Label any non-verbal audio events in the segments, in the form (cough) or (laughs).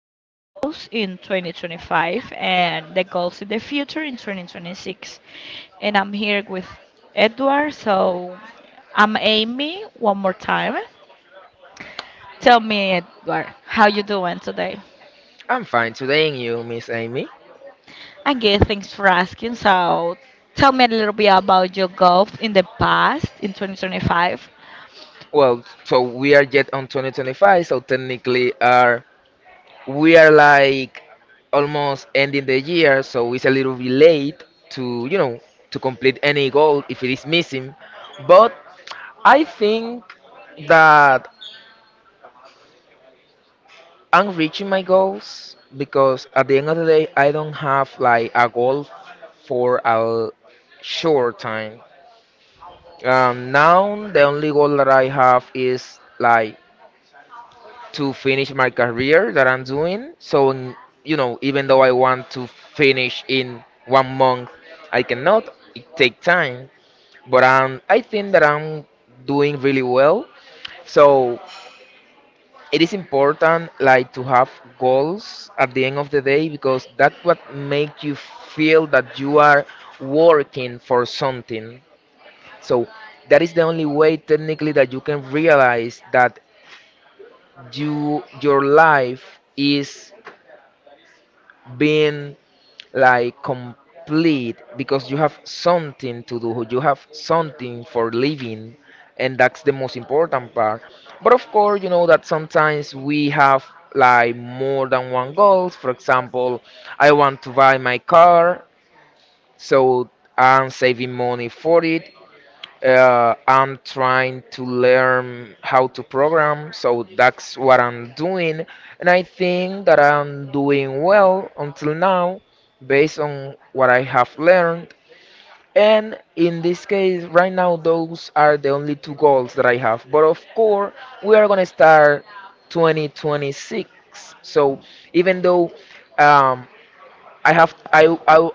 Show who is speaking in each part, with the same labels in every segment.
Speaker 1: about goals in 2025 and the goals in the future in 2026. And I'm here with Edward. So I'm Amy. One more time. Tell me, Edward, how you doing today?
Speaker 2: I'm fine today, and you, Miss Amy?
Speaker 1: I good. Thanks for asking. So tell me a little bit about your goals in the past in 2025.
Speaker 2: Well, so we are yet on 2025, so technically are we are like almost ending the year, so it's a little bit late to to complete any goal if it is missing. But I think that I'm reaching my goals because at the end of the day, I don't have like a goal for a short time. Now the only goal that I have is like to finish my career that I'm doing. So, even though I want to finish in 1 month, I cannot. It take time, but I think that I'm doing really well. So it is important like to have goals at the end of the day because that's what make you feel that you are working for something. So that is the only way technically that you can realize that your life is being like complete because you have something to do, you have something for living, and that's the most important part. But of course, you know that sometimes we have like more than one goals. For example, I want to buy my car, so I'm saving money for it. I'm trying to learn how to program, so that's what I'm doing. And I think that I'm doing well until now based on what I have learned. And in this case, right now, those are the only two goals that I have. But of course, we are going to start 2026. So even though um, I have I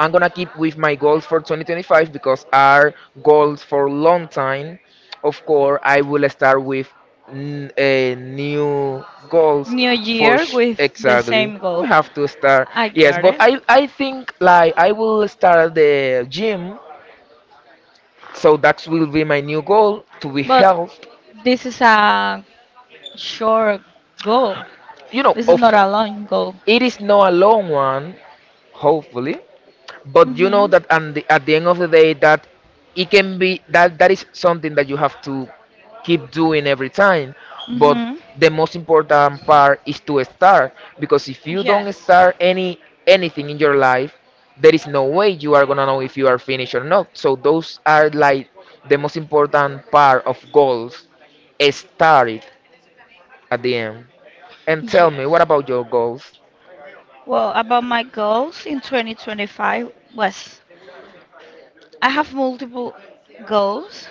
Speaker 2: I'm gonna keep with my goals for 2025 because our goals for long time. Of course, I will start with a new goals
Speaker 1: New
Speaker 2: for
Speaker 1: Year with the
Speaker 2: exactly.
Speaker 1: same
Speaker 2: We
Speaker 1: goal.
Speaker 2: have to start.
Speaker 1: I
Speaker 2: Yes,
Speaker 1: got
Speaker 2: but
Speaker 1: it.
Speaker 2: I think like I will start the gym. So that will be my new goal to be
Speaker 1: But
Speaker 2: health.
Speaker 1: this is a short goal.
Speaker 2: You know,
Speaker 1: This is
Speaker 2: of
Speaker 1: not a long goal.
Speaker 2: it is not a long one. Hopefully, but you know
Speaker 1: Mhm.
Speaker 2: that and the, at the end of the day that it can be that is something that you have to keep doing every time. But
Speaker 1: Mhm.
Speaker 2: the most important part is to start because if you don't
Speaker 1: Yes.
Speaker 2: start anything in your life, there is no way you are gonna know if you are finished or not. So those are like the most important part of goals. Start it at the end. And tell
Speaker 1: Yes.
Speaker 2: me, what about your goals?
Speaker 1: Well, about my goals in 2025 was I have multiple goals,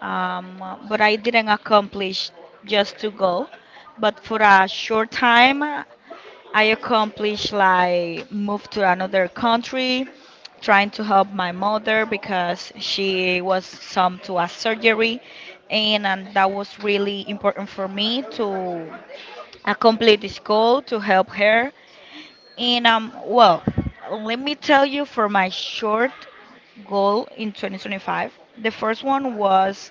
Speaker 1: but I didn't accomplish just two goals. But for a short time, I accomplished like move to another country, trying to help my mother because she was some to a surgery, and that was really important for me to accomplish this goal to help her. And well, let me tell you for my short goal in 2025. The first one was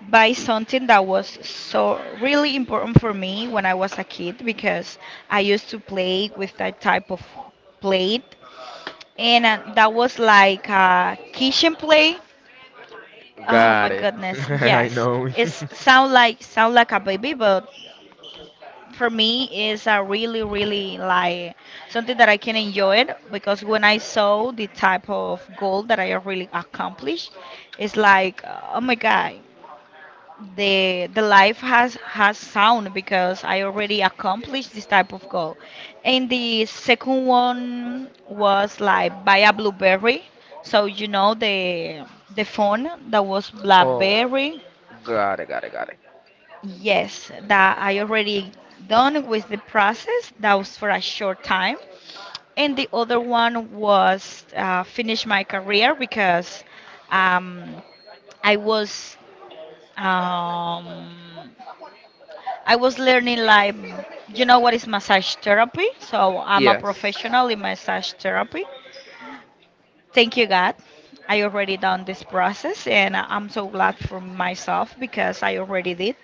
Speaker 1: buy something that was so really important for me when I was a kid because I used to play with that type of plate, and that was like a kitchen plate. Oh my
Speaker 2: Got it. (laughs)
Speaker 1: goodness,
Speaker 2: I
Speaker 1: yes.
Speaker 2: know.
Speaker 1: It sound like a baby, but for me is a really really like something that I can enjoy it because when I saw the type of goal that I really accomplished, it's like oh my god,
Speaker 2: (laughs)
Speaker 1: the life has sound because I already accomplished this type of goal. And the second one was like buy a blueberry. So you know the phone that was
Speaker 2: Oh,
Speaker 1: BlackBerry.
Speaker 2: got it.
Speaker 1: Yes, that I already done with the process. That was for a short time. And the other one was finish my career because um, I was um, I was learning like you know what is massage therapy. So I'm a
Speaker 2: Yes.
Speaker 1: professional in massage therapy. Thank you, God. I already done this process, and I'm so glad for myself because I already did.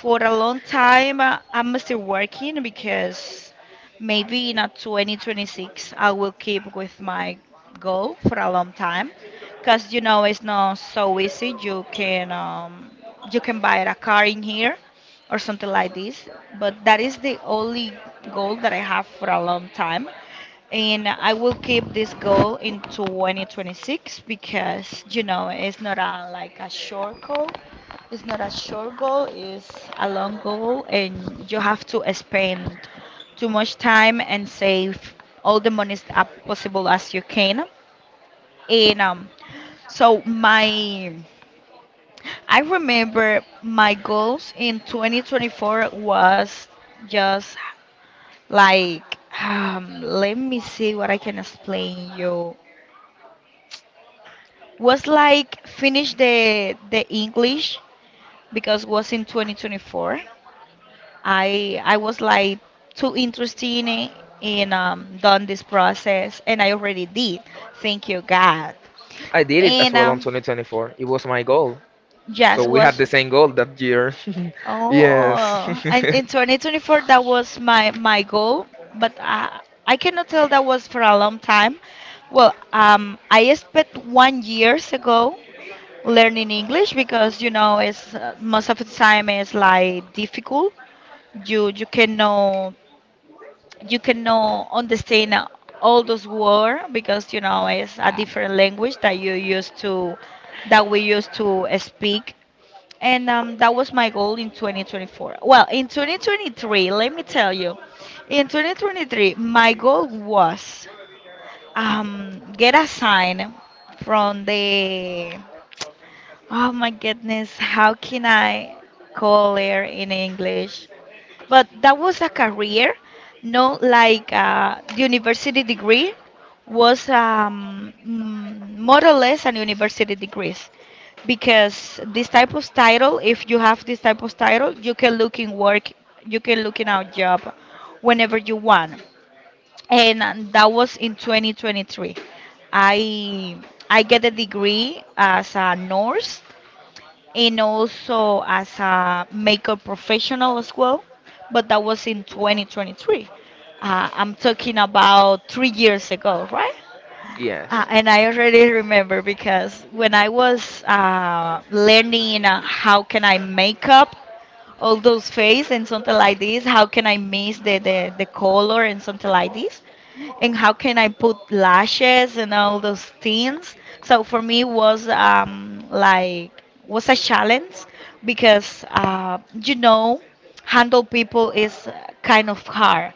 Speaker 1: For a long time, I'm still working because maybe in a 2026 I will keep with my goal for a long time. Because you know it's not so easy. You can buy a car in here or something like this. But that is the only goal that I have for a long time. And I will keep this goal in 2026 because you know it's not a like a short goal. It's not a short goal, it's a long goal, and you have to spend too much time and save all the money as possible as you can. And so my, I remember my goals in 2024 was just like, let me see what I can explain you. Was like finish the English because was in 2024 I was like too interested in, done this process and I already did. Thank you God.
Speaker 2: I did it as
Speaker 1: And
Speaker 2: well on 2024. It was my goal. So
Speaker 1: yes,
Speaker 2: we had
Speaker 1: was
Speaker 2: the same goal that year. (laughs) Yes.
Speaker 1: oh and in 2024 that was my goal, but I cannot tell that was for a long time. Well, I spent 1 years ago learning English because you know it's most of the time it's like difficult.
Speaker 2: (laughs)
Speaker 1: You you cannot you cannot understand all those words because you know it's a different language that you used to that we used to speak. And that was my goal in 2024. Well, in 2023, let me tell you. In 2023 my goal was, get a sign from the. Oh my goodness, how can I call her in English? But that was a career, not like a university degree. Was, more or less an university degree, because this type of title, if you have this type of title, you can look in work, you can look in our job whenever you want. And that was in 2023. I i get a degree as a nurse and also as a makeup professional as well. But that was in 2023. I'm talking about 3 years ago, right?
Speaker 2: Yes,
Speaker 1: And I already remember because when I was learning how can I make up, all those face and something like this. How can I miss the color and something like this? And how can I put lashes and all those things? So for me was like was a challenge because you know handle people is kind of hard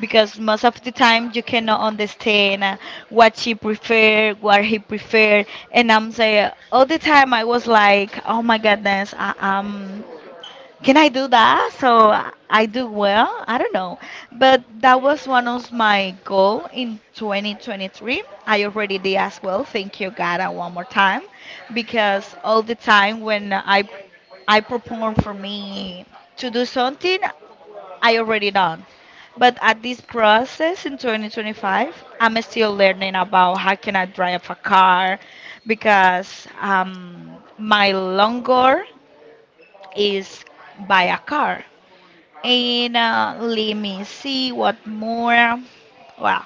Speaker 1: because most of the time you cannot understand what she prefer, what he prefer, and I'm saying all the time I was like, oh my goodness, can I do that? So I do well. I don't know, but that was one of my goal in 2023. I already did as well. Thank you, God, and one more time, because all the time when I perform for me to do something, I already done. But at this process in 2025, I'm still learning about how can I drive a car because my long goal is buy a car. And let me see what more. Well,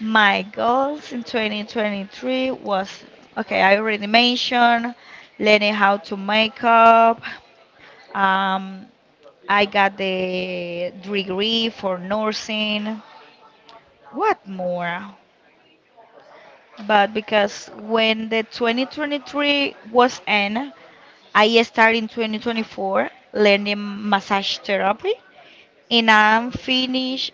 Speaker 1: my goals in 2023 was okay, I already mentioned learning how to make up. Um, I got the degree for nursing. What more? But because when the 2023 was end, I started in 2024 learning massage therapy and I'm finished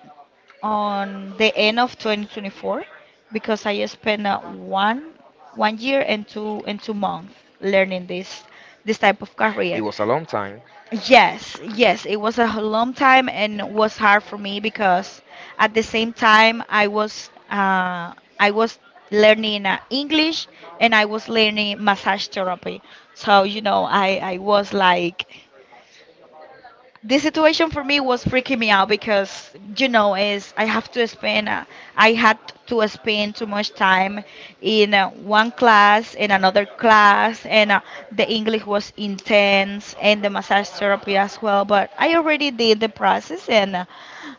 Speaker 1: on the end of 2024 because I spent one year and two months learning this type of career.
Speaker 2: a long time.
Speaker 1: Yes, yes, it was a long time and was hard for me because at the same time I was learning English and I was learning massage therapy. So you know I was like this situation for me was freaking me out because you know is I had to spend too much time in one class in another class and the English was intense and the massage therapy as well, but I already did the process and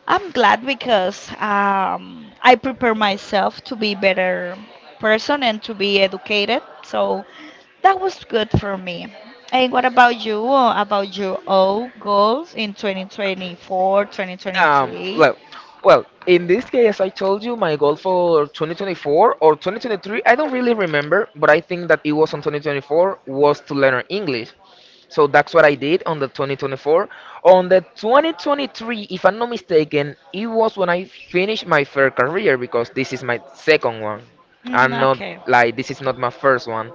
Speaker 1: I'm glad because I prepare myself to be better person and to be educated, so that was good for me. And what about you? About your own goals in 2024,
Speaker 2: Um,
Speaker 1: 2023?
Speaker 2: well, well, in this case, I told you my goal for 2024 or 2023, I don't really remember, but I think that it was on 2024 was to learn English. So that's what I did on the 2024. On the 2023, if I'm not mistaken, it was when I finished my first career because this is my second one.
Speaker 1: Mm,
Speaker 2: I'm
Speaker 1: okay.
Speaker 2: not like this is not my first one.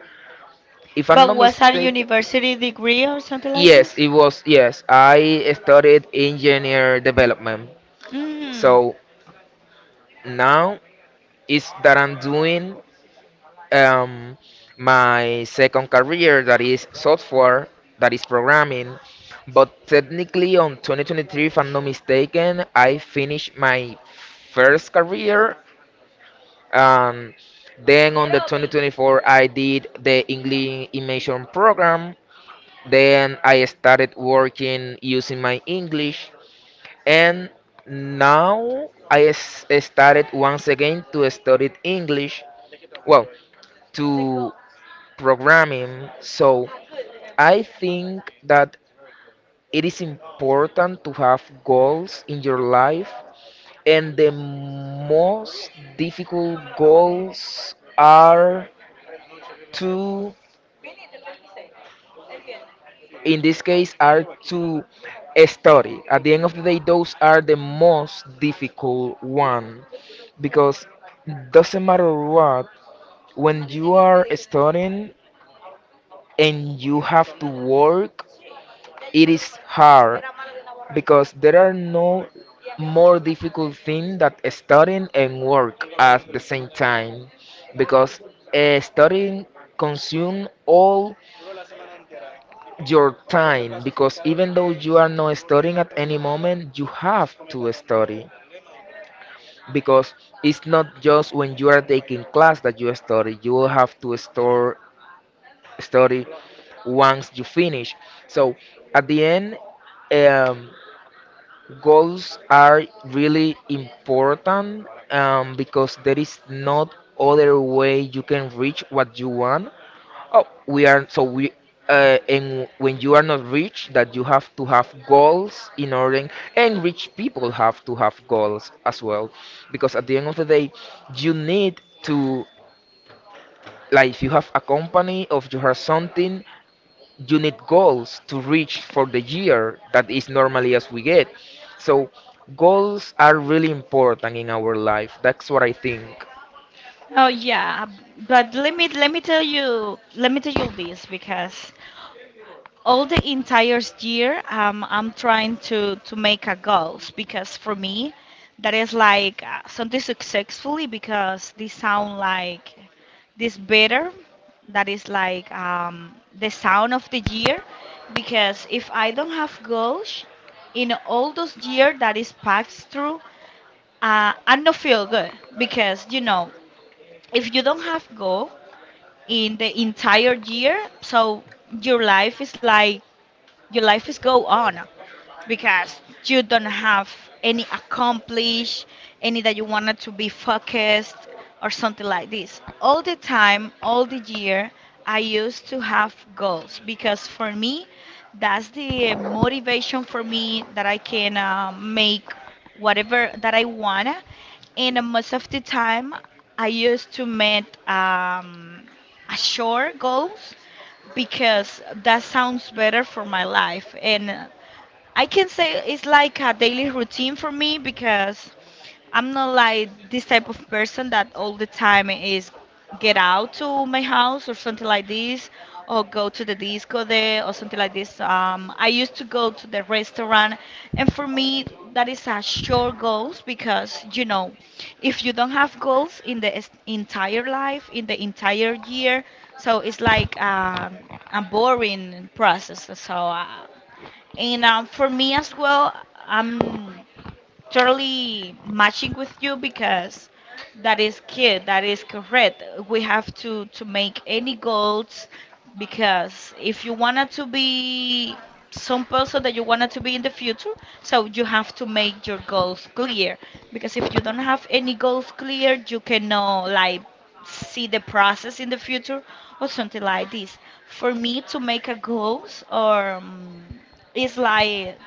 Speaker 2: If I'm
Speaker 1: But
Speaker 2: not
Speaker 1: was that a
Speaker 2: mistaken,
Speaker 1: university degree or something like
Speaker 2: yes,
Speaker 1: this?
Speaker 2: it was. Yes, I studied engineer development.
Speaker 1: Mm.
Speaker 2: So now. Is that I'm doing um, my second career, that is software, that is programming. But technically, on 2023, if I'm not mistaken, I finished my first career. Um, then on the 2024, I did the English immersion program. Then I started working using my English, and now I started once again to study English. Well, to programming. So I think that it is important to have goals in your life, and the most difficult goals are to, in this case, are to study. At the end of the day, those are the most difficult one because doesn't matter what when you are studying and you have to work it is hard because there are no more difficult thing that studying and work at the same time because studying consume all your time because even though you are not studying at any moment you have to study because it's not just when you are taking class that you study you will have to store study once you finish. So at the end, um, goals are really important, because there is not other way you can reach what you want. Oh, we are so we and when you are not rich, that you have to have goals in order, and rich people have to have goals as well, because at the end of the day, you need to like if you have a company or you have something, you need goals to reach for the year that is normally as we get. So goals are really important in our life. That's what I think.
Speaker 1: Oh yeah, but let me tell you this, because all the entire year I'm trying to make a goals because for me that is like something successfully, because this sound like this better, that is like the sound of the year. Because if I don't have goals in all those years that is passed through, I don't feel good because you know if you don't have goal in the entire year, so your life is like your life is go on because you don't have any accomplish, any that you wanted to be focused or something like this. All the time, all the year, I used to have goals because for me, that's the motivation for me that I can make whatever that I wanna. And most of the time, I used to make a short goals because that sounds better for my life. And I can say it's like a daily routine for me because I'm not like this type of person that all the time is get out to my house or something like this, or go to the disco there or something like this. I used to go to the restaurant and for me that is a short goals because you know if you don't have goals in the entire life, in the entire year, so it's like a boring process. So and for me as well, um, totally matching with you, because that is key, that is correct, we have to make any goals. Because if you wanted to be some person that you wanted to be in the future, so you have to make your goals clear, because if you don't have any goals clear you cannot like see the process in the future or something like this. For me to make a goals or is like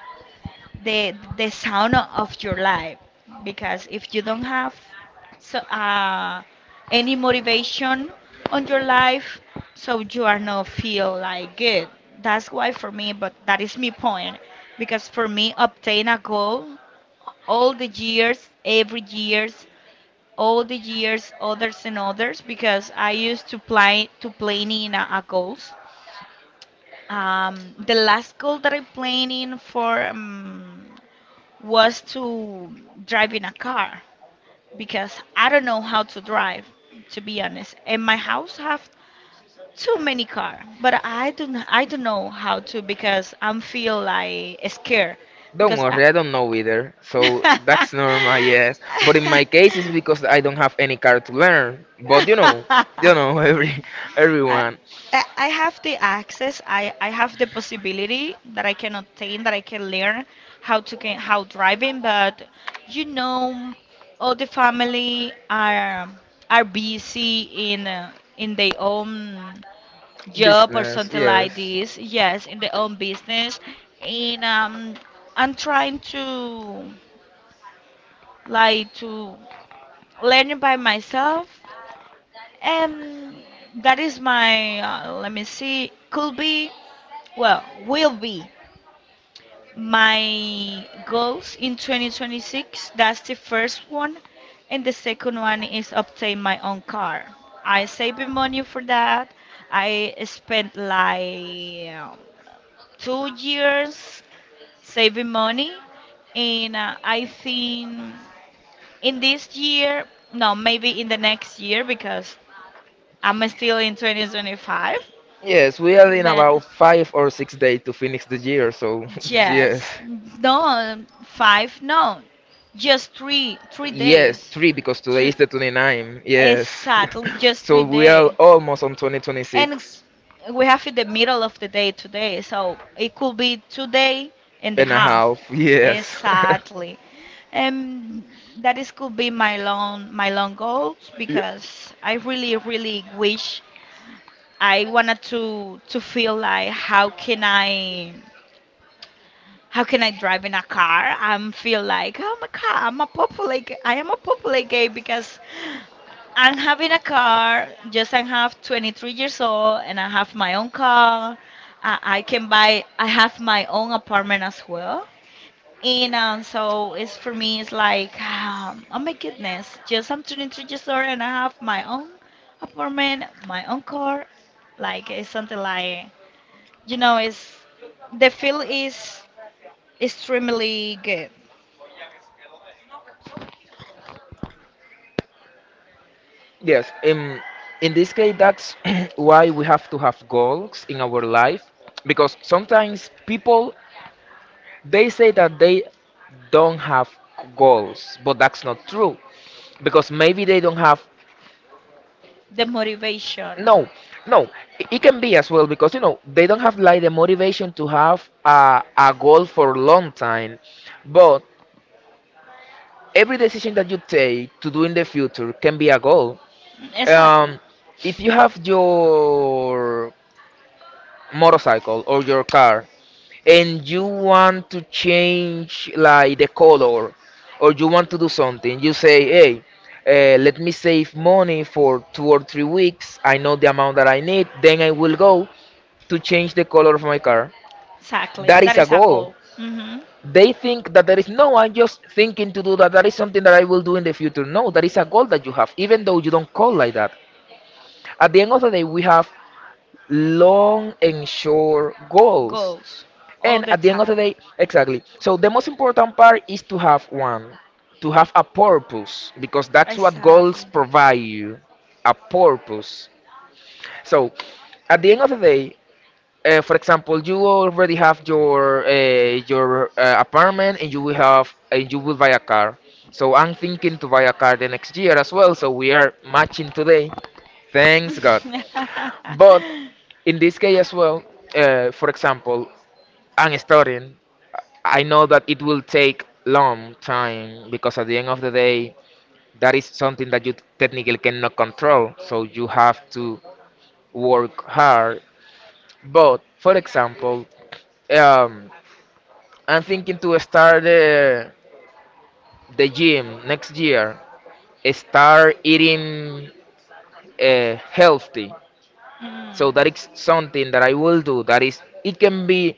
Speaker 1: the sound of your life, because if you don't have, so, any motivation on your life, so you are not feel like good, that's why for me, but that is my point. Because for me obtain a goal all the years, every years, all the years others and others, because I used to play to planning a goals. The last goal that I planning for, was to driving a car because I don't know how to drive, to be honest. And my house have too many car, but I don't know how to because I'm feel like scared
Speaker 2: Don't
Speaker 1: because I
Speaker 2: worry, I don't know either. So (laughs) that's normal, yes.
Speaker 1: (laughs) (laughs)
Speaker 2: But in my case, it's because I don't have any car to learn.
Speaker 1: (laughs)
Speaker 2: But
Speaker 1: I,
Speaker 2: you know, (laughs)
Speaker 1: I
Speaker 2: everyone.
Speaker 1: I have the access. I have the possibility that I can obtain, that I can learn how to can, how driving. But you know, all the family are busy in their own job or
Speaker 2: Business,
Speaker 1: something like
Speaker 2: yes.
Speaker 1: this. Yes, in their own business, and I'm trying to like to learn it by myself um, that is my, let me see, could be, well, will be my goals in 2026. That's the first one. And the second one is obtain my own car. I saving money for that. I spent like 2 years saving money. And I think in this year, no, maybe in the next year because I'm still in 2025,
Speaker 2: Yes, we are in
Speaker 1: but
Speaker 2: about 5 or 6 days to finish the year, so (laughs) yes.
Speaker 1: yes, no, five, no, just three
Speaker 2: Yes,
Speaker 1: days.
Speaker 2: three because today
Speaker 1: Two,
Speaker 2: is the 29. Yes.
Speaker 1: exactly,
Speaker 2: (laughs)
Speaker 1: just three
Speaker 2: So we are
Speaker 1: days.
Speaker 2: almost on twenty
Speaker 1: And
Speaker 2: twenty-six
Speaker 1: we have in the middle of the day today, so it could be 2 day and a
Speaker 2: and a
Speaker 1: half.
Speaker 2: half. Yes.
Speaker 1: Exactly. And that is could be my long goals
Speaker 2: (laughs) Ye-
Speaker 1: because I really really wish I wanted to feel like how can I drive in a car and feel like oh my god I am a popular gay because I'm having a car just I have 23 years old and I have my own car. I can buy I have my own apartment as well, and so it's for me it's like oh my goodness, just I'm 23 years old and I have my own apartment, my own car. Like, it's something like, it's, the feel is extremely good.
Speaker 2: Yes. In this case, that's (clears throat) why we have to have goals in our life because sometimes people they say that they don't have goals, but that's not true because maybe they don't have
Speaker 1: The motivation.
Speaker 2: no, no. It can be as well because you know they don't have like the motivation to have a goal for a long time, but every decision that you take to do in the future can be a goal.
Speaker 1: Mm, exactly.
Speaker 2: Um, if you have your motorcycle or your car and you want to change like the color or you want to do something you say hey, let me save money for 2 or 3 weeks. I know the amount that I need, then I will go to change the color of my car.
Speaker 1: Exactly.
Speaker 2: That
Speaker 1: That
Speaker 2: is a
Speaker 1: is a goal.
Speaker 2: goal.
Speaker 1: Hmm.
Speaker 2: They think that there is no, I'm just thinking to do that, that is something that I will do in the future. No, that is a goal that you have even though you don't call like that. At the end of the day we have long and short goals.
Speaker 1: Goals all
Speaker 2: And
Speaker 1: the
Speaker 2: at the end of
Speaker 1: time.
Speaker 2: the day, exactly. So the most important part is to have one, to have a purpose, because that's what
Speaker 1: Exactly.
Speaker 2: goals provide you, a purpose. So at the end of the day, for example, you already have your apartment, and you will buy a car. So I'm thinking to buy a car the next year as well. So we are matching today. Thanks God. But
Speaker 1: (laughs)
Speaker 2: in this case as well, for example, I'm studying. I know that it will take long time because at the end of the day, that is something that you technically cannot control. So you have to work hard. But for example, um, I'm thinking to start the gym next year. Start eating healthy.
Speaker 1: Mm.
Speaker 2: So that is something that I will do. That is, it can be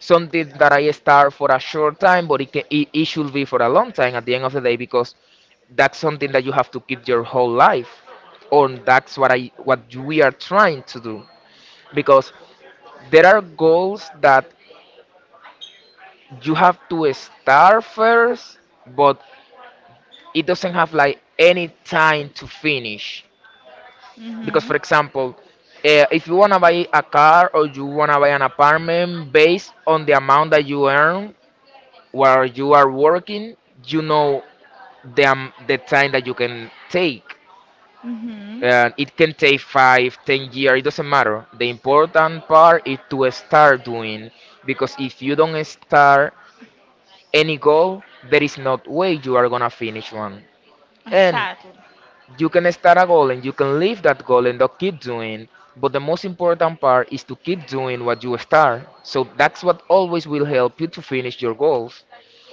Speaker 2: something that I start for a short time, but it should be for a long time at the end of the day because that's something that you have to keep your whole life on. That's what I what we are trying to do because there are goals that you have to start first, but it doesn't have like any time to finish
Speaker 1: Because.
Speaker 2: because for
Speaker 1: Mhm.
Speaker 2: example, if you want to buy a car or you want to buy an apartment based on the amount that you earn while you are working, you know the, am the time that you can take,
Speaker 1: Mhm.
Speaker 2: and it can take five, 10 years. It doesn't matter. The important part is to start doing because if you don't start any goal, there is not way you are gonna finish one. And you can start a goal and you can leave that goal and not keep doing. But the most important part is to keep doing what you start. So that's what always will help you to finish your goals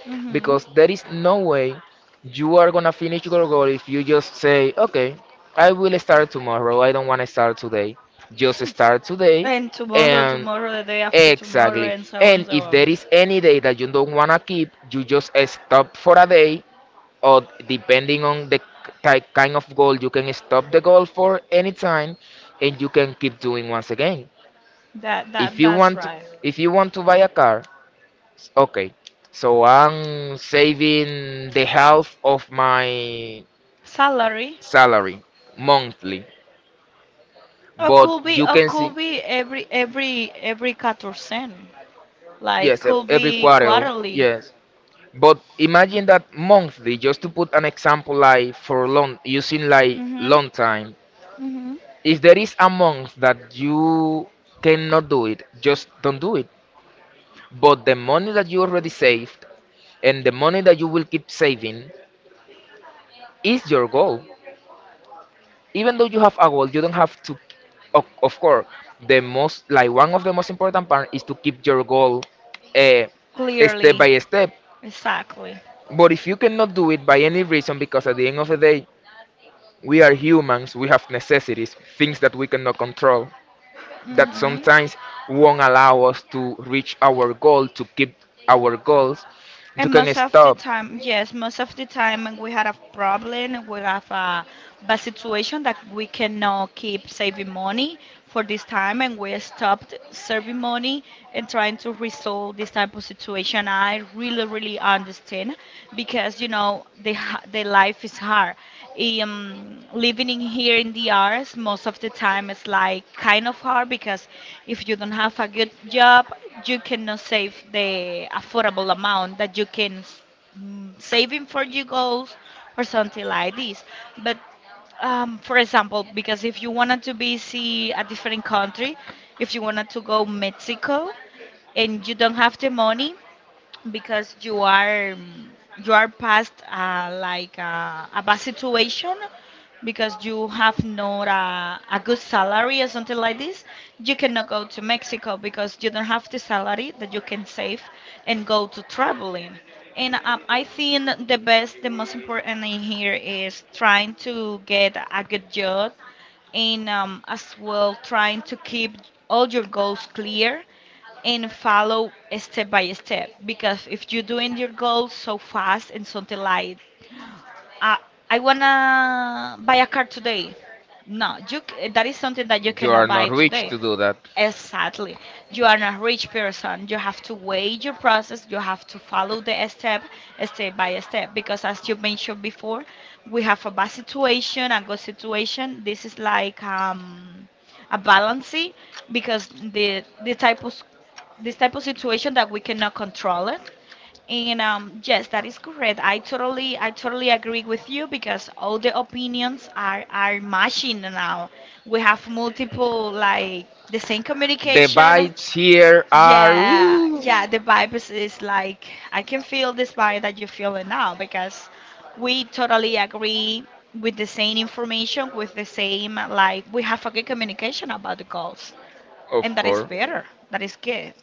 Speaker 1: Mhm.
Speaker 2: because there is no way you are gonna finish your goal if you just say, okay, I will start tomorrow. I don't want to start today. Just start today,
Speaker 1: And tomorrow,
Speaker 2: and
Speaker 1: the day.
Speaker 2: exactly. And if there is any day that you don't wanna keep, you just stop for a day, or depending on the type kind of goal, you can stop the goal for any time, and you can keep doing once again.
Speaker 1: That
Speaker 2: If
Speaker 1: if
Speaker 2: you
Speaker 1: that.
Speaker 2: want, if you want to buy a car, okay, so I'm saving the half of my
Speaker 1: Salary.
Speaker 2: salary monthly,
Speaker 1: Or could
Speaker 2: but
Speaker 1: be,
Speaker 2: you can see,
Speaker 1: every quatorzen. Like yes,
Speaker 2: yes,
Speaker 1: could every
Speaker 2: every
Speaker 1: be quarter.
Speaker 2: quarter,
Speaker 1: Quarterly.
Speaker 2: yes. But imagine that monthly, just to put an example, like for long, using like
Speaker 1: Mm-hmm.
Speaker 2: long time.
Speaker 1: Mm-hmm.
Speaker 2: If there is a month that you cannot do it, just don't do it. But the money that you already saved and the money that you will keep saving is your goal. Even though you have a goal, you don't have to. Of course, the most like one of the most important part is to keep your goal, uh, step by
Speaker 1: Clearly.
Speaker 2: step.
Speaker 1: Exactly.
Speaker 2: But if you cannot do it by any reason, because at the end of the day, we are humans. We have necessities, things that we cannot control, that
Speaker 1: Mm-hmm.
Speaker 2: sometimes won't allow us to reach our goal, to keep our goals. You
Speaker 1: And
Speaker 2: can
Speaker 1: most of the
Speaker 2: stop.
Speaker 1: time, yes, most of the time when we had a problem, we have a bad situation that we cannot keep saving money for this time, and we stopped saving money and trying to resolve this type of situation. I really, really understand, because you know the life is hard. Living in here in the arts most of the time is like kind of hard, because if you don't have a good job, you cannot save the affordable amount that you can saving for your goals or something like this. But for example, because if you wanted to visit a different country, if you wanted to go Mexico, and you don't have the money because you are past like a bad situation, because you have not a good salary or something like this, you cannot go to Mexico because you don't have the salary that you can save and go to traveling. And I think the most important thing here is trying to get a good job, and as well, trying to keep all your goals clear and follow step by step. Because if you're doing your goals so fast and something like, uh, I wanna buy a car today. No, that is something that you cannot buy today.
Speaker 2: That.
Speaker 1: Exactly. You are not a rich person. You have to weigh your process. You have to follow step by step. Because as you mentioned before, we have a bad situation and good situation. This is like a balance, because the type of this type of situation that we cannot control it. And yes, that is correct. I totally agree with you, because all the opinions are matching now. We have multiple, like, the same
Speaker 2: The
Speaker 1: communication.
Speaker 2: vibes here are.
Speaker 1: Yeah, yeah. The vibe is like, I can feel this vibe that you're feeling now, because we totally agree with the same information, with the same, like, we have a good communication about the goals,
Speaker 2: Of
Speaker 1: and that is
Speaker 2: course.
Speaker 1: better. That is good.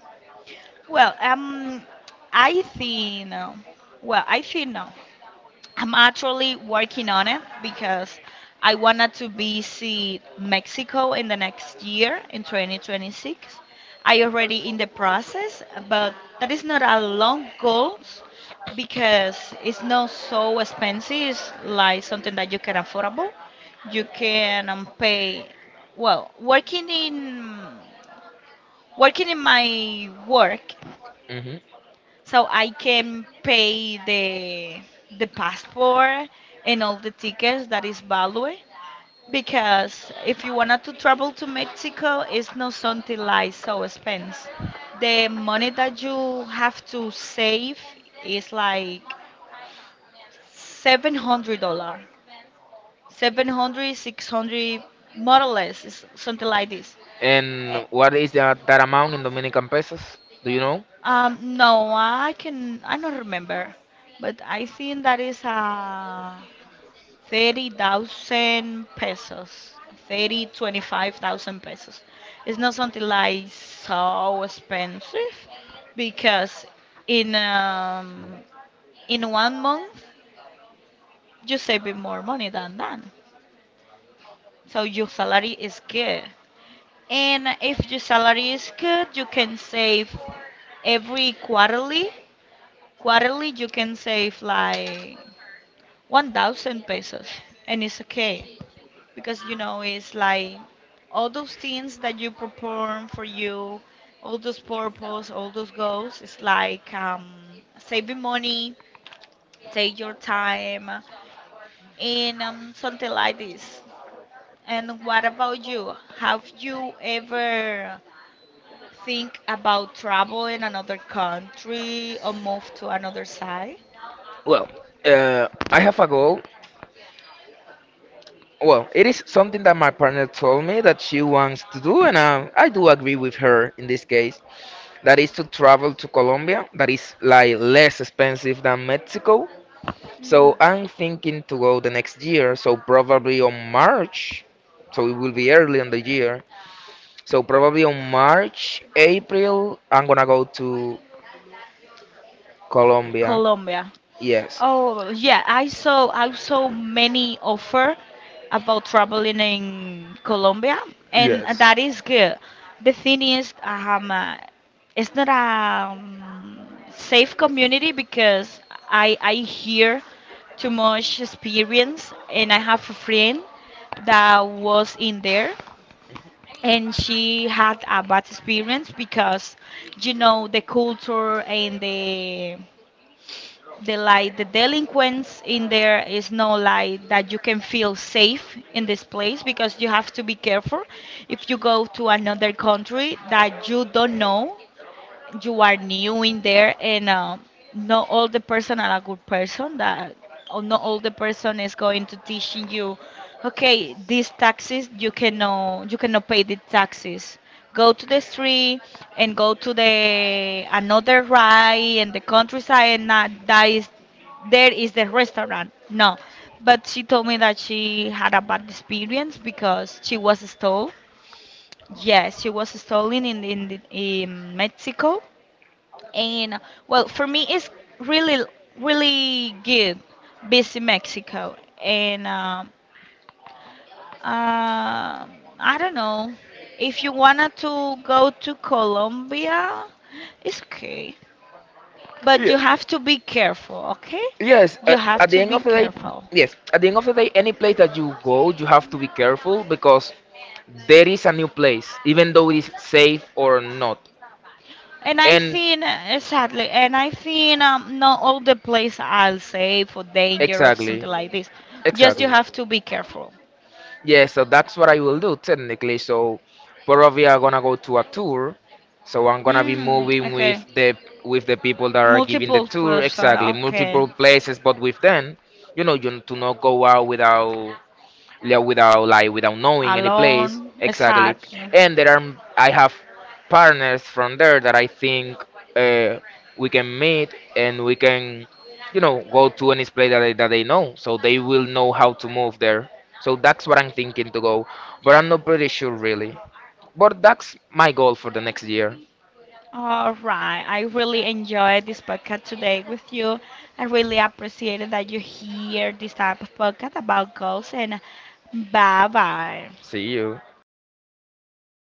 Speaker 1: Well, I think no. Well, I think no. I'm actually working on it, because I wanted to visit Mexico in the next year, in 2026. I already in the process, but that is not a long goal because it's not so expensive. It's like something that you can affordable. You can pay. Well, working in my work,
Speaker 2: Hmm.
Speaker 1: so I can pay the passport and all the tickets that is value. Because if you wanted to travel to Mexico, it's not something like so expense. The money that you have to save is like $700, 700, 600, more or less, is something like this. Eh,
Speaker 2: And what is that, that amount in Dominican pesos? Do you know?
Speaker 1: No, I don't remember, but I think that is 30,000 pesos, thirty twenty five thousand pesos. It's not something like so expensive, because in um in one month you save more money than that. So your salary is good, and if your salary is good, you can save every quarterly. Quarterly, you can save like 1,000 pesos, and it's okay, because it's like all those things that you perform for you, all those purpose, all those goals. It's like saving money, take your time, and something like this. And what about you? Have you ever think about travel in another country or move to another side?
Speaker 2: Well, I have a goal. Well, it is something that my partner told me that she wants to do, and I do agree with her in this case. That is to travel to Colombia that is like less expensive than Mexico.
Speaker 1: Mm.
Speaker 2: So I'm thinking to go the next year, so probably on March. So it will be early in the year. So probably on March, April, I'm gonna go to Colombia.
Speaker 1: Colombia.
Speaker 2: Yes.
Speaker 1: Oh, yeah, I saw many offer about traveling in Colombia, and
Speaker 2: Yes.
Speaker 1: that is good. The thing is, it's not a safe community, because I hear too much experience, and I have a friend that was in there, and she had a bad experience, because you know the culture and the delinquents in there is no, like that you can feel safe in this place, because you have to be careful. If you go to another country that you don't know, you are new in there, and not all the person are a good person, that or not all the person is going to teaching you, okay, these taxes, you cannot pay the taxes, go to the street, and go to the another ride and the countryside, and that is, there is the restaurant, no, but she told me that she had a bad experience, because she was stole, yes, she was stolen in Mexico. And well, for me, it's really, really good. Busy Mexico, and um I don't know, if you wanna to go to Colombia, it's okay, but
Speaker 2: Yeah.
Speaker 1: you have to be careful, okay?
Speaker 2: Yes,
Speaker 1: You have
Speaker 2: at the
Speaker 1: to
Speaker 2: end
Speaker 1: be
Speaker 2: of the day,
Speaker 1: careful.
Speaker 2: yes, at the end of the day, any place that you go, you have to be careful because there is a new place, even though it is safe or not.
Speaker 1: And I
Speaker 2: And
Speaker 1: think exactly, and I think not all the place I'll say for dangerous,
Speaker 2: exactly,
Speaker 1: something like this. Just
Speaker 2: exactly.
Speaker 1: you have to be careful.
Speaker 2: Yeah, so that's what I will do technically. So probably I'm gonna go to a tour. So I'm gonna be
Speaker 1: Mm,
Speaker 2: moving with
Speaker 1: okay.
Speaker 2: the people that are giving the
Speaker 1: Multiple
Speaker 2: tour.
Speaker 1: players are
Speaker 2: Exactly,
Speaker 1: okay.
Speaker 2: multiple places, but with them, you know, you to not go out without yeah, without like without knowing any place
Speaker 1: Alone,
Speaker 2: exactly.
Speaker 1: exactly.
Speaker 2: And there are I have partners from there that I think, uh, we can meet and we can, you know, go to any place that that they know, so they will know how to move there. So that's what I'm thinking to go, but I'm not pretty sure really. But that's my goal for the next year.
Speaker 1: All right. I really enjoyed this podcast today with you. I really appreciated that you hear this type of podcast about goals, and bye bye.
Speaker 2: See you.